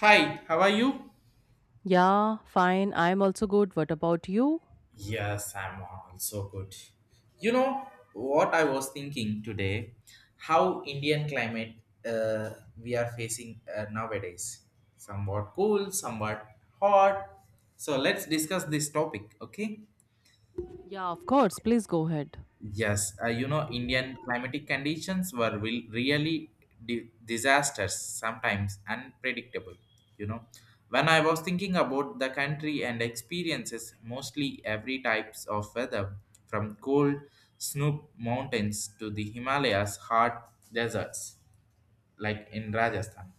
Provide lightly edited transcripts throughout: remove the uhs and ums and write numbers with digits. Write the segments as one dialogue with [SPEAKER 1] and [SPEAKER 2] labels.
[SPEAKER 1] Hi, how are you?
[SPEAKER 2] Yeah, fine. I'm also good. What about you?
[SPEAKER 1] Yes, I'm also good. You know what I was thinking today? How Indian climate uh, we are facing nowadays? Somewhat cool, somewhat hot. So let's discuss this topic, okay?
[SPEAKER 2] Yeah, of course. Please go ahead.
[SPEAKER 1] Yes, you know, Indian climatic conditions were will really disasters, sometimes unpredictable. You know, when I was thinking about the country and experiences, mostly every types of weather, from cold snow mountains to the Himalayas hot deserts, like in Rajasthan,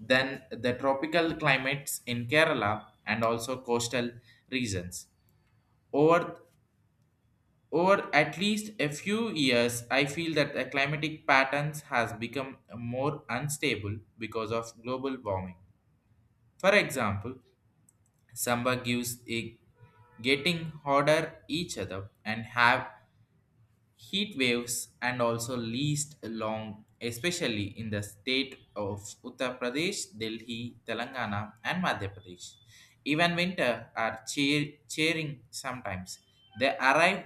[SPEAKER 1] then the tropical climates in Kerala and also coastal regions. Over over at least a few years, I feel that the climatic patterns has become more unstable because of global warming. For example, summer gives a getting hotter each other and have heat waves and also least long, especially in the state of Uttar Pradesh, Delhi, Telangana, and Madhya Pradesh. Even winter are cheer, cheering, sometimes they arrive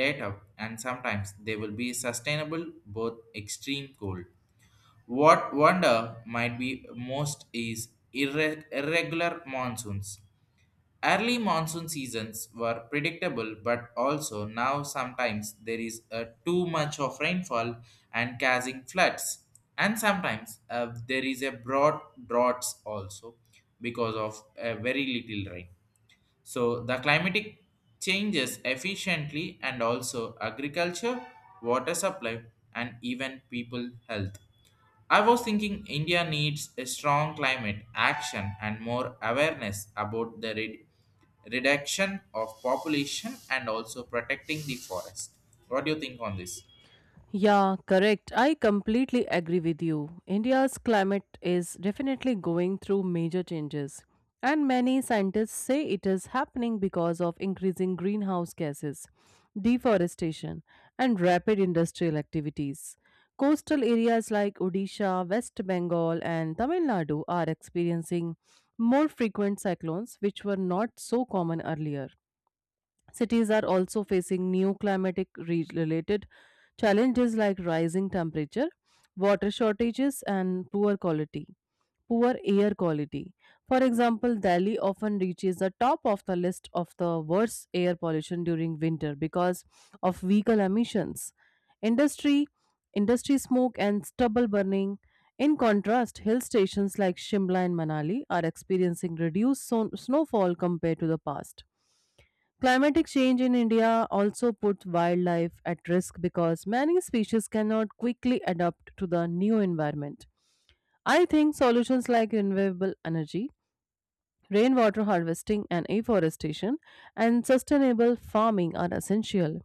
[SPEAKER 1] later and sometimes they will be sustainable both extreme cold. What wonder might be most is irregular monsoons. Early monsoon seasons were predictable, but also now sometimes there is too much of rainfall and causing floods, and sometimes there is a broad droughts also because of very little rain. So the climatic changes efficiently and also agriculture, water supply, and even people health. I was thinking India needs a strong climate action and more awareness about the reduction of population and also protecting the forest. What do you think on this?
[SPEAKER 2] Yeah, correct. I completely agree with you. India's climate is definitely going through major changes, and many scientists say it is happening because of increasing greenhouse gases, deforestation, and rapid industrial activities. Coastal areas like Odisha, West Bengal, and Tamil Nadu are experiencing more frequent cyclones, which were not so common earlier. Cities are also facing new related challenges like rising temperature, water shortages, and poor air quality. For example, Delhi often reaches the top of the list of the worst air pollution during winter because of vehicle emissions, industry, industry smoke, and stubble burning. In contrast, hill stations like Shimla and Manali are experiencing reduced snowfall compared to the past. Climatic change in India also puts wildlife at risk because many species cannot quickly adapt to the new environment. I think solutions like renewable energy, rainwater harvesting and afforestation, and sustainable farming are essential.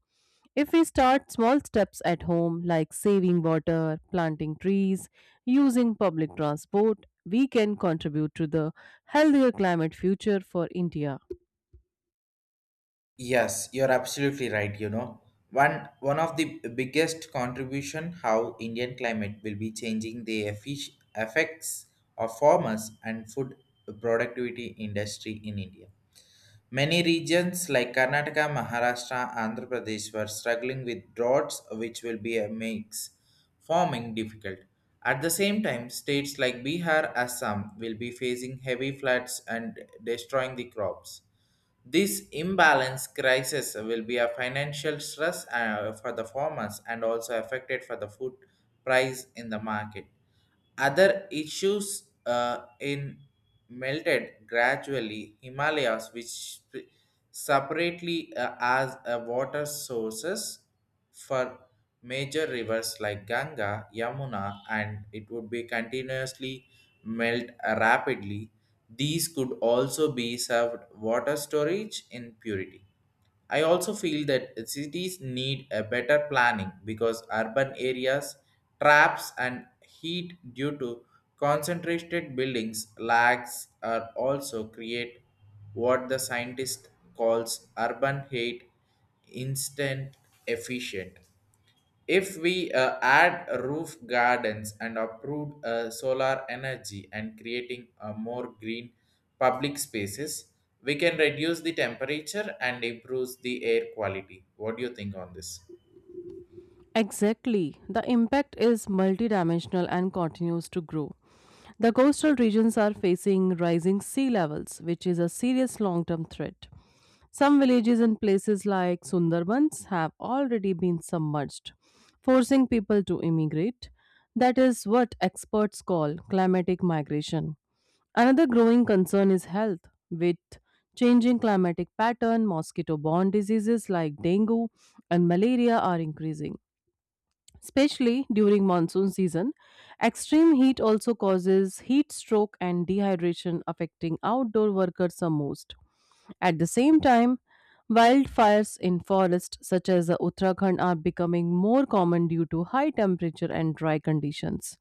[SPEAKER 2] If we start small steps at home, like saving water, planting trees, using public transport, we can contribute to the healthier climate future for India.
[SPEAKER 1] Yes, you're absolutely right, you know. One of the biggest contribution how Indian climate will be changing the effects of farmers and food productivity industry in India. Many regions like Karnataka, Maharashtra, Andhra Pradesh were struggling with droughts, which will be a makes farming difficult. At the same time, states like Bihar, Assam will be facing heavy floods and destroying the crops. This imbalance crisis will be a financial stress for the farmers and also affected for the food price in the market. Other issues in melted gradually Himalayas, which separately as a water sources for major rivers like Ganga, Yamuna, and it would be continuously melt rapidly. These could also be served water storage in purity. I also feel that cities need a better planning because urban areas traps and heat due to concentrated buildings lags are also create what the scientist calls urban heat instant efficient. If we add roof gardens and approved solar energy and creating more green public spaces, we can reduce the temperature and improves the air quality. What do you think on this?
[SPEAKER 2] Exactly. The impact is multidimensional and continues to grow. The coastal regions are facing rising sea levels, which is a serious long term threat. Some villages in places like Sundarbans have already been submerged, forcing people to immigrate. That is what experts call climatic migration. Another growing concern is health, with changing climatic pattern, mosquito borne diseases like dengue and malaria are increasing especially during monsoon season. Extreme heat also causes heat stroke and dehydration, affecting outdoor workers the most. At the same time, wildfires in forests such as the Uttarakhand are becoming more common due to high temperature and dry conditions.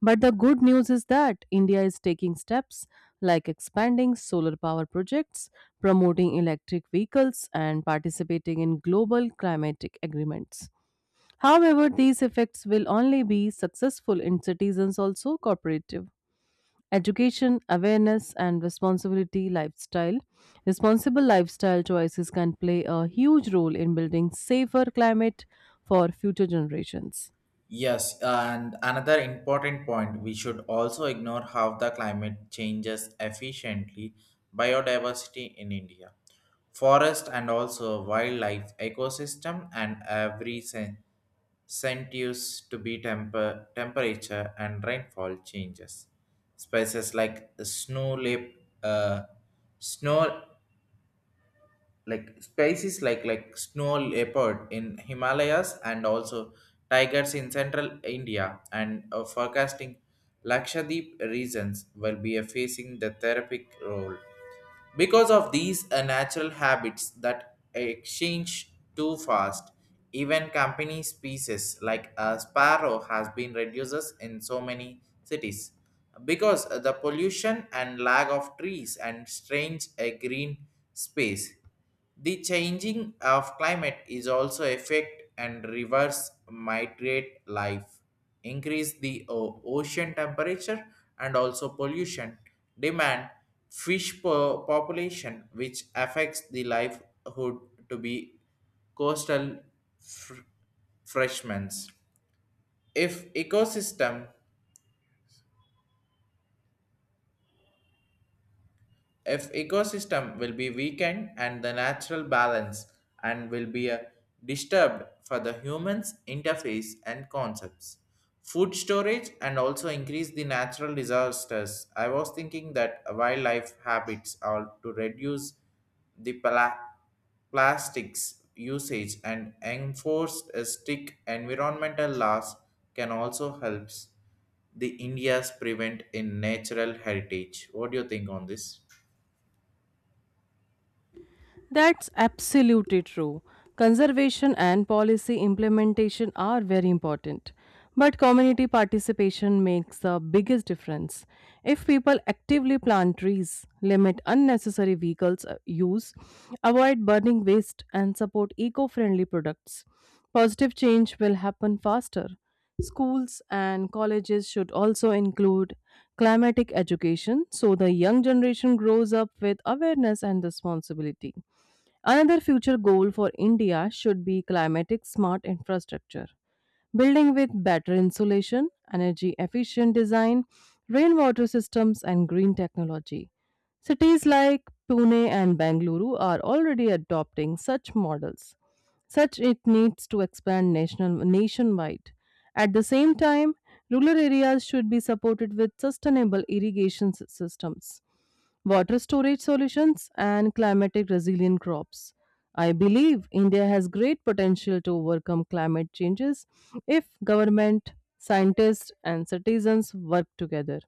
[SPEAKER 2] But the good news is that India is taking steps like expanding solar power projects, promoting electric vehicles, and participating in global climatic agreements. However, these effects will only be successful in citizens also cooperative. Education, awareness, and responsibility lifestyle. Responsible lifestyle choices can play a huge role in building safer climate for future generations.
[SPEAKER 1] Yes, and another important point we should also ignore how the climate changes efficiently biodiversity in India. Forest and also wildlife ecosystem and every sentience to be temperature and rainfall changes. Species like snow lip, uh, snow, like species like snow leopard in Himalayas and also tigers in central India and forecasting Lakshadweep regions will be facing the therapeutic role because of these natural habits that exchange too fast. Even company species like a sparrow has been reduces in so many cities because the pollution and lack of trees and strange a green space. The changing of climate is also affect and reverse migrate life, increase the ocean temperature and also pollution, demand fish population which affects the livelihood to be coastal fr- freshmans. If ecosystem if ecosystem will be weakened and the natural balance and will be disturbed for the humans interface and concepts food storage and also increase the natural disasters. I was thinking that wildlife habits are to reduce the plastics usage, and enforced strict environmental laws can also help the India's prevent in natural heritage. What do you think on this?
[SPEAKER 2] That's absolutely true. Conservation and policy implementation are very important. But community participation makes the biggest difference. If people actively plant trees, limit unnecessary vehicles use, avoid burning waste, and support eco friendly products, positive change will happen faster. Schools and colleges should also include climatic education so the young generation grows up with awareness and responsibility. Another future goal for India should be climatic smart infrastructure, building with better insulation, energy efficient design, rainwater systems, and green technology. Cities like Pune and Bengaluru are already adopting such models. Such it needs to expand nationwide. At the same time, rural areas should be supported with sustainable systems, water storage solutions, and climatic resilient crops. I believe India has great potential to overcome climate changes if government, scientists, and citizens work together.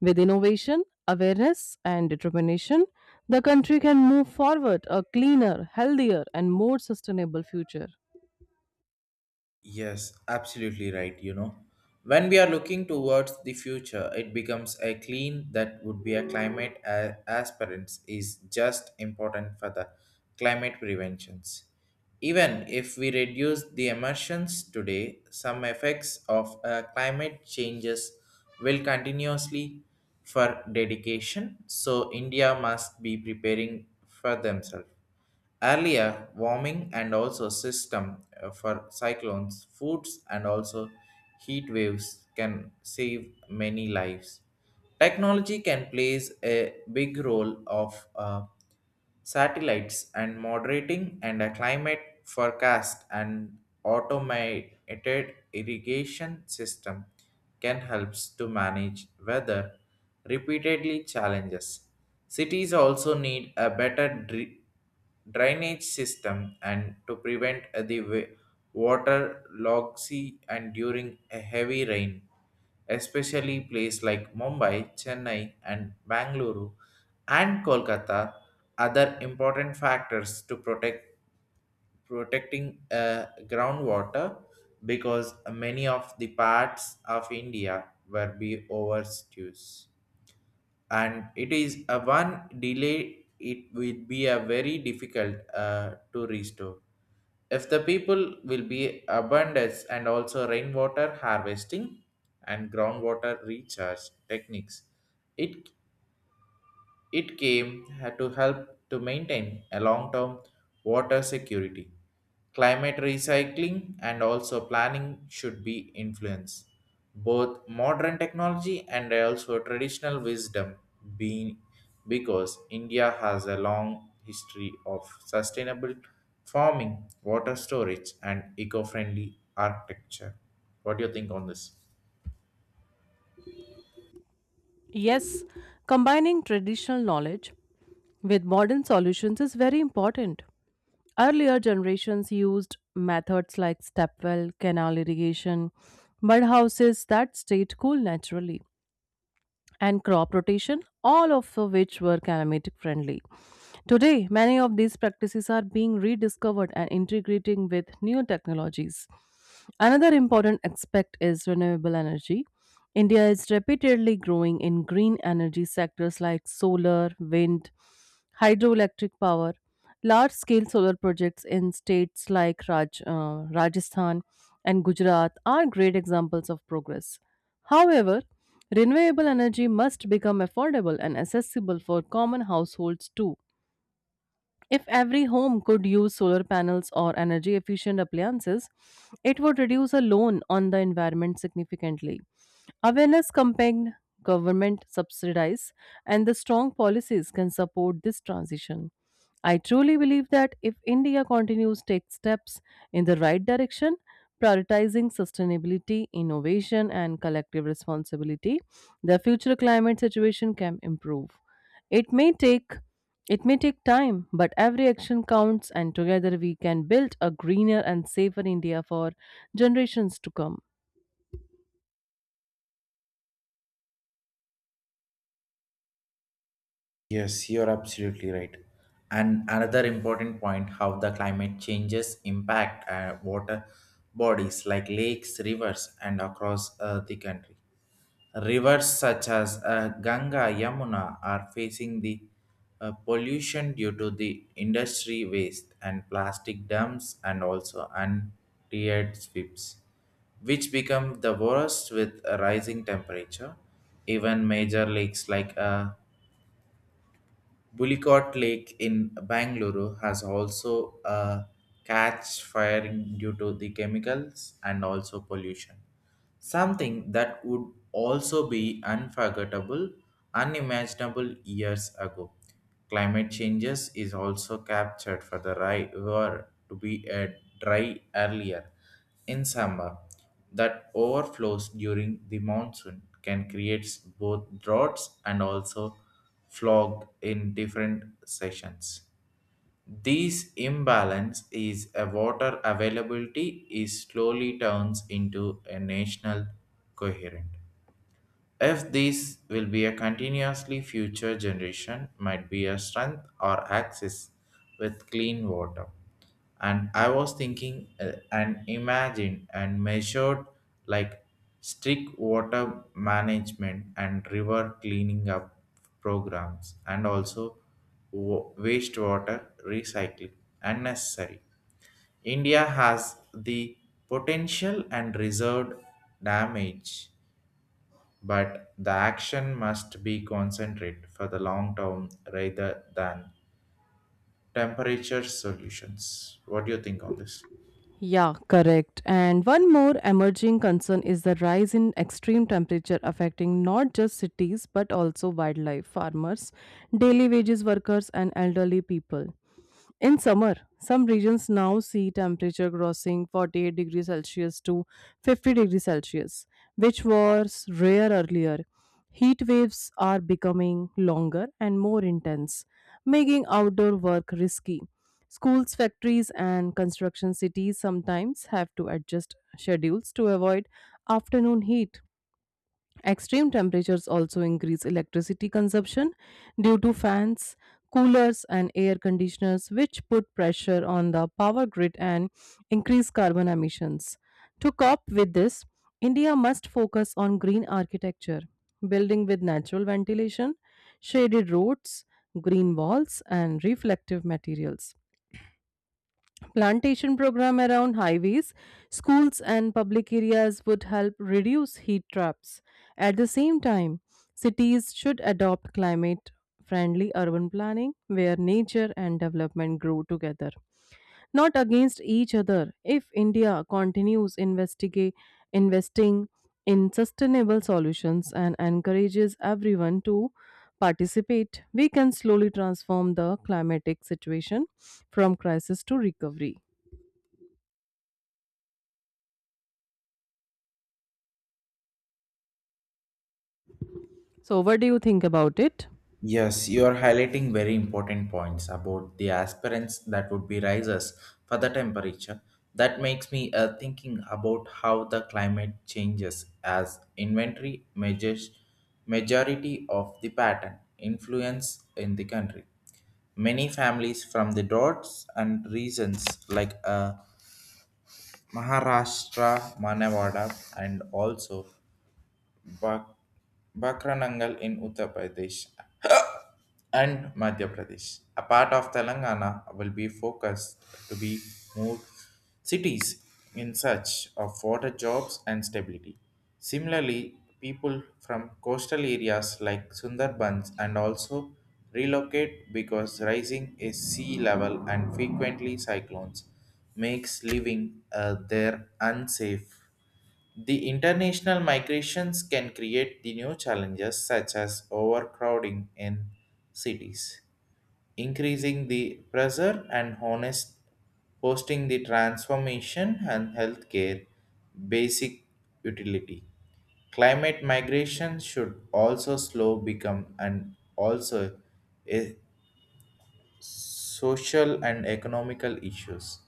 [SPEAKER 2] With innovation, awareness, and determination, the country can move forward a cleaner, healthier, and more sustainable future.
[SPEAKER 1] Yes, absolutely right. You know, when we are looking towards the future, it becomes a clean that would be a climate aspirants is just important for the climate preventions. Even if we reduce the emissions today, some effects of climate changes will continuously for dedication. So India must be preparing for themselves. Earlier warming and also system for cyclones, foods and also heat waves can save many lives. Technology can plays a big role of satellites and moderating and a climate forecast, and automated irrigation system can helps to manage weather repeatedly challenges. Cities also need a better drainage system and to prevent the water logsy and during a heavy rain, especially places like Mumbai, Chennai, and Bangalore and Kolkata. Other important factors to protect, protecting, uh, groundwater, because many of the parts of India were be overused, and it is a one delay, it will be a very difficult to restore. If the people will be abundance, and also rainwater harvesting and groundwater recharge techniques, it it came to help to maintain a long term water security. Climate recycling and also planning should be influenced. Both modern technology and also traditional wisdom being, because India has a long history of sustainable farming, water storage, and eco-friendly architecture. What do you think on this?
[SPEAKER 2] Yes, combining traditional knowledge with modern solutions is very important. Earlier generations used methods like step well, canal irrigation, mud houses that stayed cool naturally and crop rotation, all of which were climatic friendly. Today, many of these practices are being rediscovered and integrating with new technologies. Another important aspect is renewable energy. India is repeatedly growing in green energy sectors like solar, wind, hydroelectric power. Large scale solar projects in states like Rajasthan and Gujarat are great examples of progress. However, renewable energy must become affordable and accessible for common households too. If every home could use solar panels or energy efficient appliances, it would reduce a loan on the environment significantly. Awareness campaign, government subsidies, and the strong policies can support this transition. I truly believe that if India continues to take steps in the right direction, prioritizing sustainability, innovation, and collective responsibility, the future climate situation can improve. It may take it may take time, but every action counts, and together we can build a greener and safer India for generations to come.
[SPEAKER 1] Yes, you're absolutely right. And another important point how the climate changes impact water bodies like lakes, rivers, and across the country. Rivers such as Ganga, Yamuna are facing the pollution due to the industry waste and plastic dumps and also untreated sweeps, which become the worst with a rising temperature. Even major lakes like Bullicott Lake in Bangalore has also a catch firing due to the chemicals and also pollution. Something that would also be unforgettable, unimaginable years ago. Climate changes is also captured for the river to be a dry earlier in summer that overflows during the monsoon can create both droughts and also fog in different sessions. This imbalance is a water availability is slowly turns into a national coherent. If these will be a continuously future generation might be a strength or access with clean water. And I was thinking and imagine and measured like strict water management and river cleaning up programs and also wastewater recycling and necessary. India has the potential and reserved damage, but the action must be concentrated for the long term rather than temperature solutions. What do you think on this?
[SPEAKER 2] Yeah, correct. And one more emerging concern is the rise in extreme temperature affecting not just cities but also wildlife, farmers, daily wages workers, and elderly people. In summer, some regions now see temperature crossing 48 degrees Celsius to 50 degrees Celsius, which was rare earlier. Heat waves are becoming longer and more intense, making outdoor work risky. Schools, factories, and construction cities sometimes have to adjust schedules to avoid afternoon heat. Extreme temperatures also increase electricity consumption due to fans, coolers, and air conditioners, which put pressure on the power grid and increase carbon emissions. To cope with this, India must focus on green architecture, building with natural ventilation, shaded roads, green walls, and reflective materials. Plantation program around highways, schools and public areas would help reduce heat traps. At the same time, cities should adopt climate friendly urban planning where nature and development grow together, not against each other. If India continues investigate investing in sustainable solutions and encourages everyone to participate, we can slowly transform the climatic situation from crisis to recovery. So, what do you think about it?
[SPEAKER 1] Yes, you are highlighting very important points about the aspirants that would be rises for the temperature. That makes me thinking about how the climate changes as inventory measures majority of the pattern influence in the country. Many families from the droughts and reasons like Maharashtra, Manawada, and also Bak- Bakranangal in Uttar Pradesh and Madhya Pradesh. A part of Telangana will be focused to be more cities in search of water jobs and stability. Similarly, people from coastal areas like Sundarbans and also relocate because rising is sea level and frequently cyclones makes living there unsafe. The international migrations can create the new challenges such as overcrowding in cities, increasing the pressure and honest hosting the transformation and healthcare basic utility. Climate migration should also slow become and also e- social and economical issues,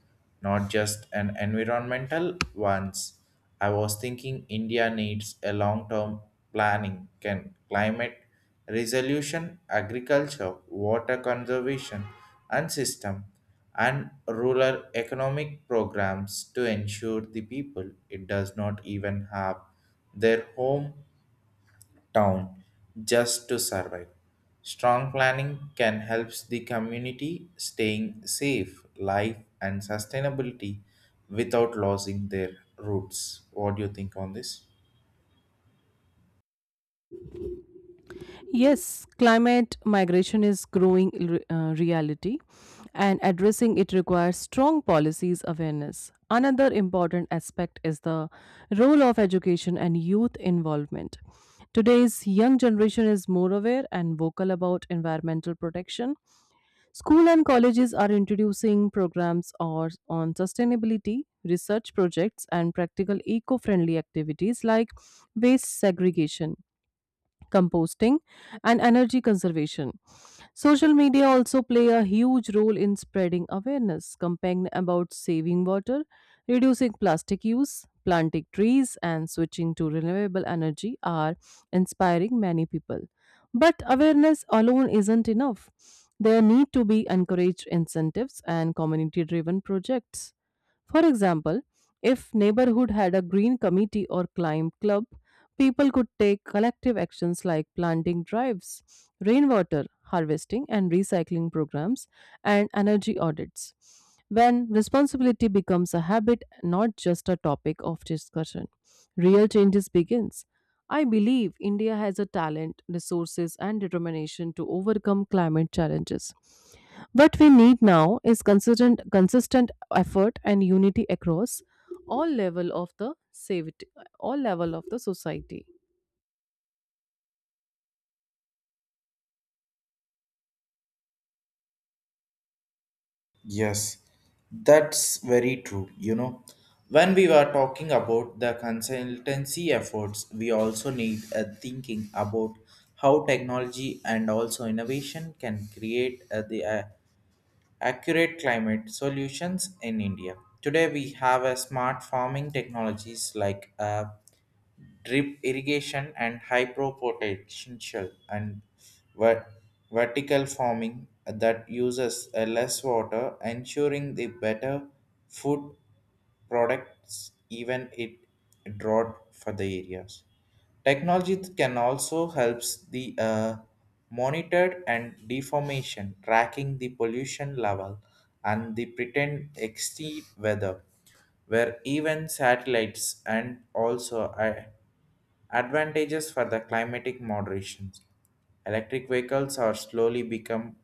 [SPEAKER 1] not just an environmental ones. I was thinking India needs a long-term planning, can climate resolution, agriculture, water conservation, and system, and rural economic programs to ensure the people it does not even have their home town just to survive. Strong planning can help the community staying safe, life, and sustainability without losing their roots. What do you think on this?
[SPEAKER 2] Yes, climate migration is growing reality, and addressing it requires strong policies awareness. Another important aspect is the role of education and youth involvement. Today's young generation is more aware and vocal about environmental protection. School and colleges are introducing programs or on sustainability, research projects, and practical eco-friendly activities like waste segregation, composting and energy conservation. Social media also play a huge role in spreading awareness campaign about saving water, reducing plastic use, planting trees and switching to renewable energy are inspiring many people, but awareness alone isn't enough. There need to be encouraged incentives and community driven projects. For example, if neighborhood had a green committee or climb club, people could take collective actions like planting drives, rainwater harvesting and recycling programs, and energy audits. When responsibility becomes a habit, not just a topic of discussion, real changes begins. I believe India has a talent, resources, and determination to overcome climate challenges. What we need now is consistent effort and unity across all level of the savity, all level of the society.
[SPEAKER 1] Yes, that's very true. You know, when we were talking about the consultancy efforts, we also need a thinking about how technology and also innovation can create the accurate climate solutions in India. Today, we have a smart farming technologies like drip irrigation and hydro potential and ver- vertical farming that uses less water, ensuring the better food products even it drought for the areas. Technology can also helps the monitored and deformation, tracking the pollution level and the pretend extreme weather, where even satellites and also advantages for the climatic moderations. Electric vehicles are slowly become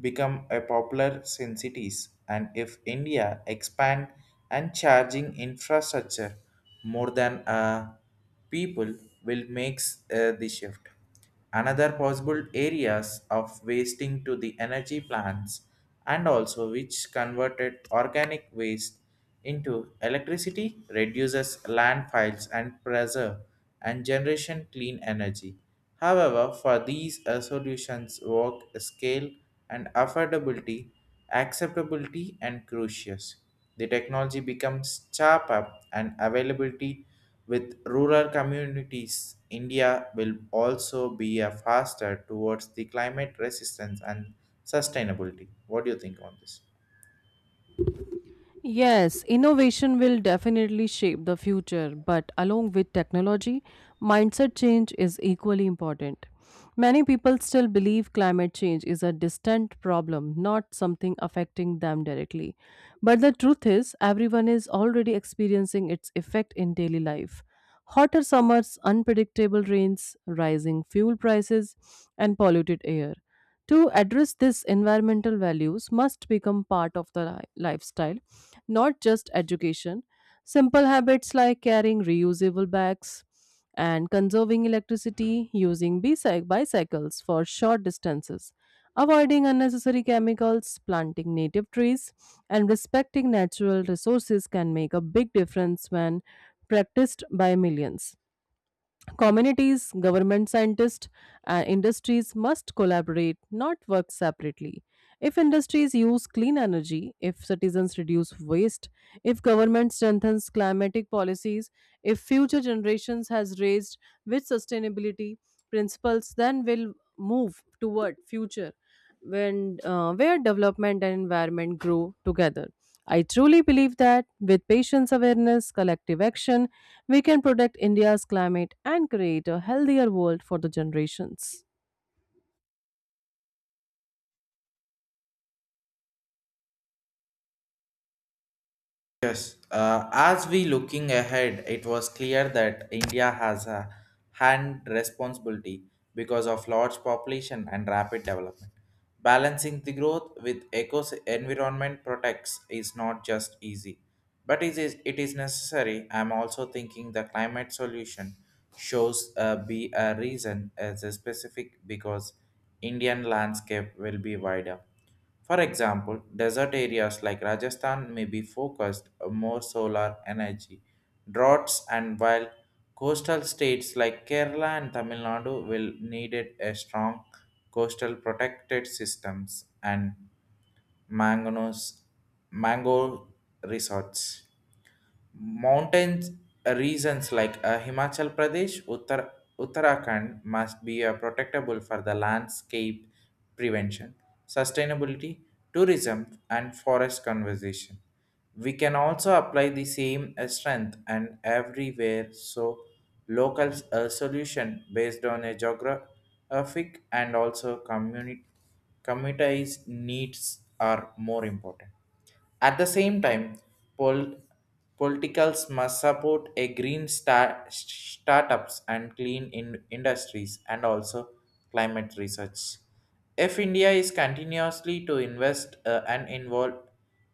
[SPEAKER 1] become a popular in cities, and if India expand and charging infrastructure more than, people will makes the shift. Another possible areas of wasting to the energy plants and also which converted organic waste into electricity reduces landfills and preserve and generation clean energy. However, for these solutions work scale and affordability, acceptability and crucius. The technology becomes sharper and availability with rural communities. India will also be a faster towards the climate resistance and sustainability. What do you think on this?
[SPEAKER 2] Yes, innovation will definitely shape the future, but along with technology, mindset change is equally important. Many people still believe climate change is a distant problem, not something affecting them directly. But the truth is, everyone is already experiencing its effect in daily life. Hotter summers, unpredictable rains, rising fuel prices, and polluted air. To address this, environmental values must become part of the lifestyle, not just education. Simple habits like carrying reusable bags and conserving electricity, using bicycles for short distances, avoiding unnecessary chemicals, planting native trees, and respecting natural resources can make a big difference when practiced by millions. Communities, government scientists, and industries must collaborate, not work separately. If industries use clean energy, if citizens reduce waste, if government strengthens climatic policies, if future generations has raised with sustainability principles, then we'll move toward future when where development and environment grow together. I truly believe that with patience awareness, collective action, we can protect India's climate and create a healthier world for the generations.
[SPEAKER 1] Yes, as we looking ahead, it was clear that India has a hand responsibility because of large population and rapid development. Balancing the growth with eco environment protects is not just easy, but it is necessary. I'm also thinking the climate solution shows be a reason as a specific, because Indian landscape will be wider. For example, desert areas like Rajasthan may be focused on more solar energy, droughts, and while coastal states like Kerala and Tamil Nadu will needed a strong coastal protected systems and mangoes, mango resorts. Mountains regions like Himachal Pradesh, Uttar, Uttarakhand must be protectable for the landscape prevention, sustainability, tourism, and forest conservation. We can also apply the same strength and everywhere, so local solution based on a geographic and also community communities needs are more important. At the same time, pol- politicals must support a green startups and clean industries and also climate research. If India is continuously to invest and involve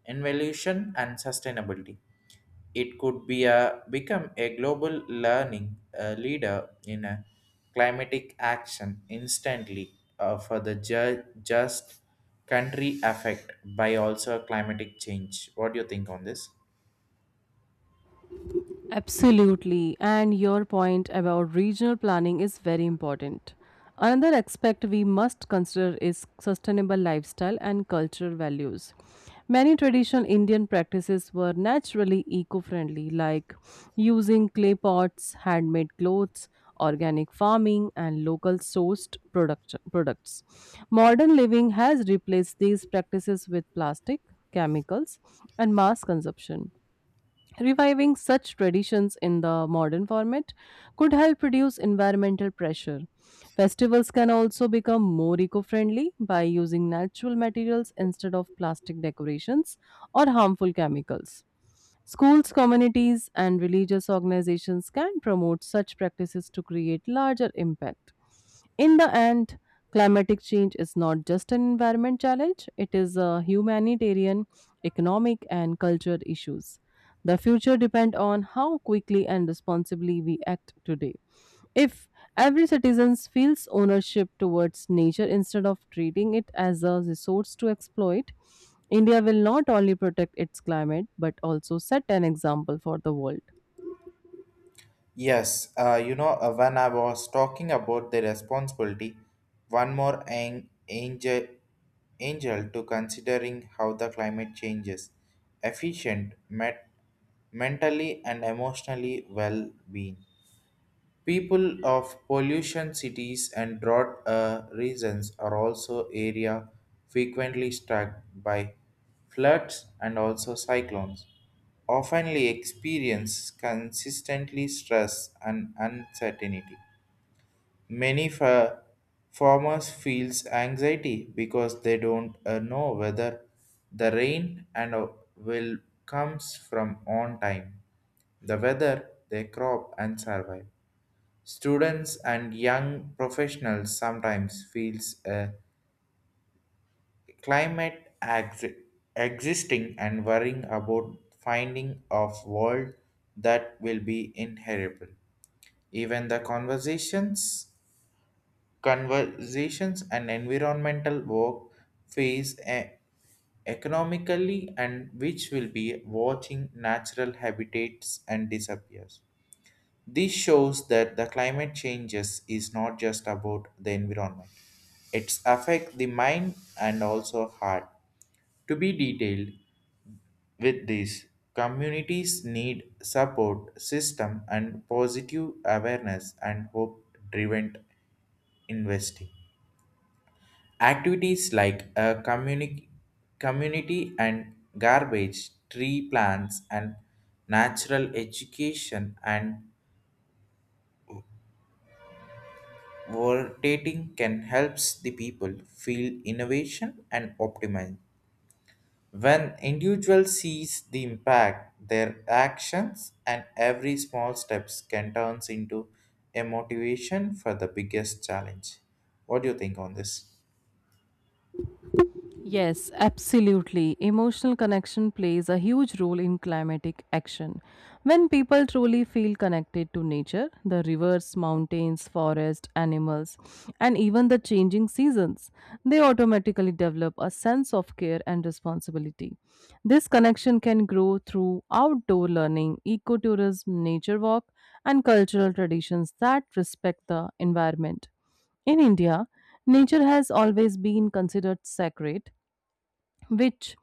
[SPEAKER 1] involution and sustainability, it could become a global learning leader in a climatic action instantly for the just country effect by also climatic change. What do you think on this?
[SPEAKER 2] Absolutely, and your point about regional planning is very important. Another aspect we must consider is sustainable lifestyle and cultural values. Many traditional Indian practices were naturally eco friendly, like using clay pots, handmade clothes, organic farming, and local sourced products. Modern living has replaced these practices with plastic, chemicals, and mass consumption. Reviving such traditions in the modern format could help reduce environmental pressure. Festivals can also become more eco friendly by using natural materials instead of plastic decorations or harmful chemicals. Schools, communities, and religious organizations can promote such practices to create larger impact. In the end, climatic change is not just an environment challenge, it is a humanitarian, economic, and cultural issues. The future depends on how quickly and responsibly we act today. If every citizen feels ownership towards nature instead of treating it as a resource to exploit, India will not only protect its climate but also set an example for the world.
[SPEAKER 1] Yes, you know, when I was talking about the responsibility, one more angel to considering how the climate changes, efficient, met, mentally and emotionally well-being. People of pollution cities and drought regions are also area frequently struck by floods and also cyclones. Oftenly experience consistently stress and uncertainty. Many farmers feels anxiety because they don't know whether the rain and will comes from on time, the weather, their crop and survive. Students and young professionals sometimes feels a climate ex existing and worrying about finding of world that will be inheritable. Even the conversations and environmental work face a economically and which will be watching natural habitats and disappears. This shows that the climate changes is not just about the environment. It's affect the mind and also heart. To be detailed with this, communities need support system and positive awareness and hope-driven investing. Activities like a community and garbage, tree plants, and natural education and Rotating can helps the people feel innovation and optimism. When individual sees the impact, their actions and every small steps can turns into a motivation for the biggest challenge. What do you think on this?
[SPEAKER 2] Yes, absolutely. Emotional connection plays a huge role in climatic action. When people truly feel connected to nature, the rivers, mountains, forests, animals, and even the changing seasons, they automatically develop a sense of care and responsibility. This connection can grow through outdoor learning, ecotourism, nature walk, and cultural traditions that respect the environment. In India, nature has always been considered sacred which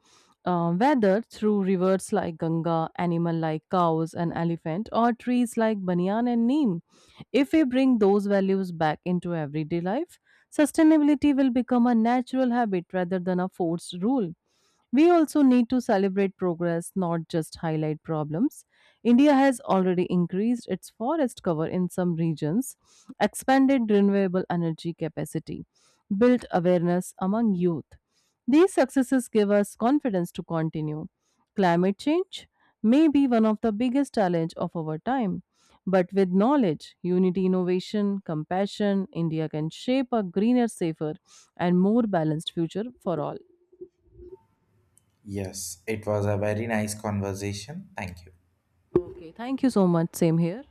[SPEAKER 2] whether through rivers like Ganga, animal like cows and elephant, or trees like banyan and neem, if we bring those values back into everyday life, sustainability will become a natural habit rather than a forced rule. We also need to celebrate progress, not just highlight problems. India has already increased its forest cover in some regions, expanded renewable energy capacity, built awareness among youth. These successes give us confidence to continue. Climate change may be one of the biggest challenge of our time, but with knowledge, unity, innovation, compassion, India can shape a greener, safer, and more balanced future for all.
[SPEAKER 1] Yes, it was a very nice conversation. Thank you.
[SPEAKER 2] Okay, thank you so much. Same here.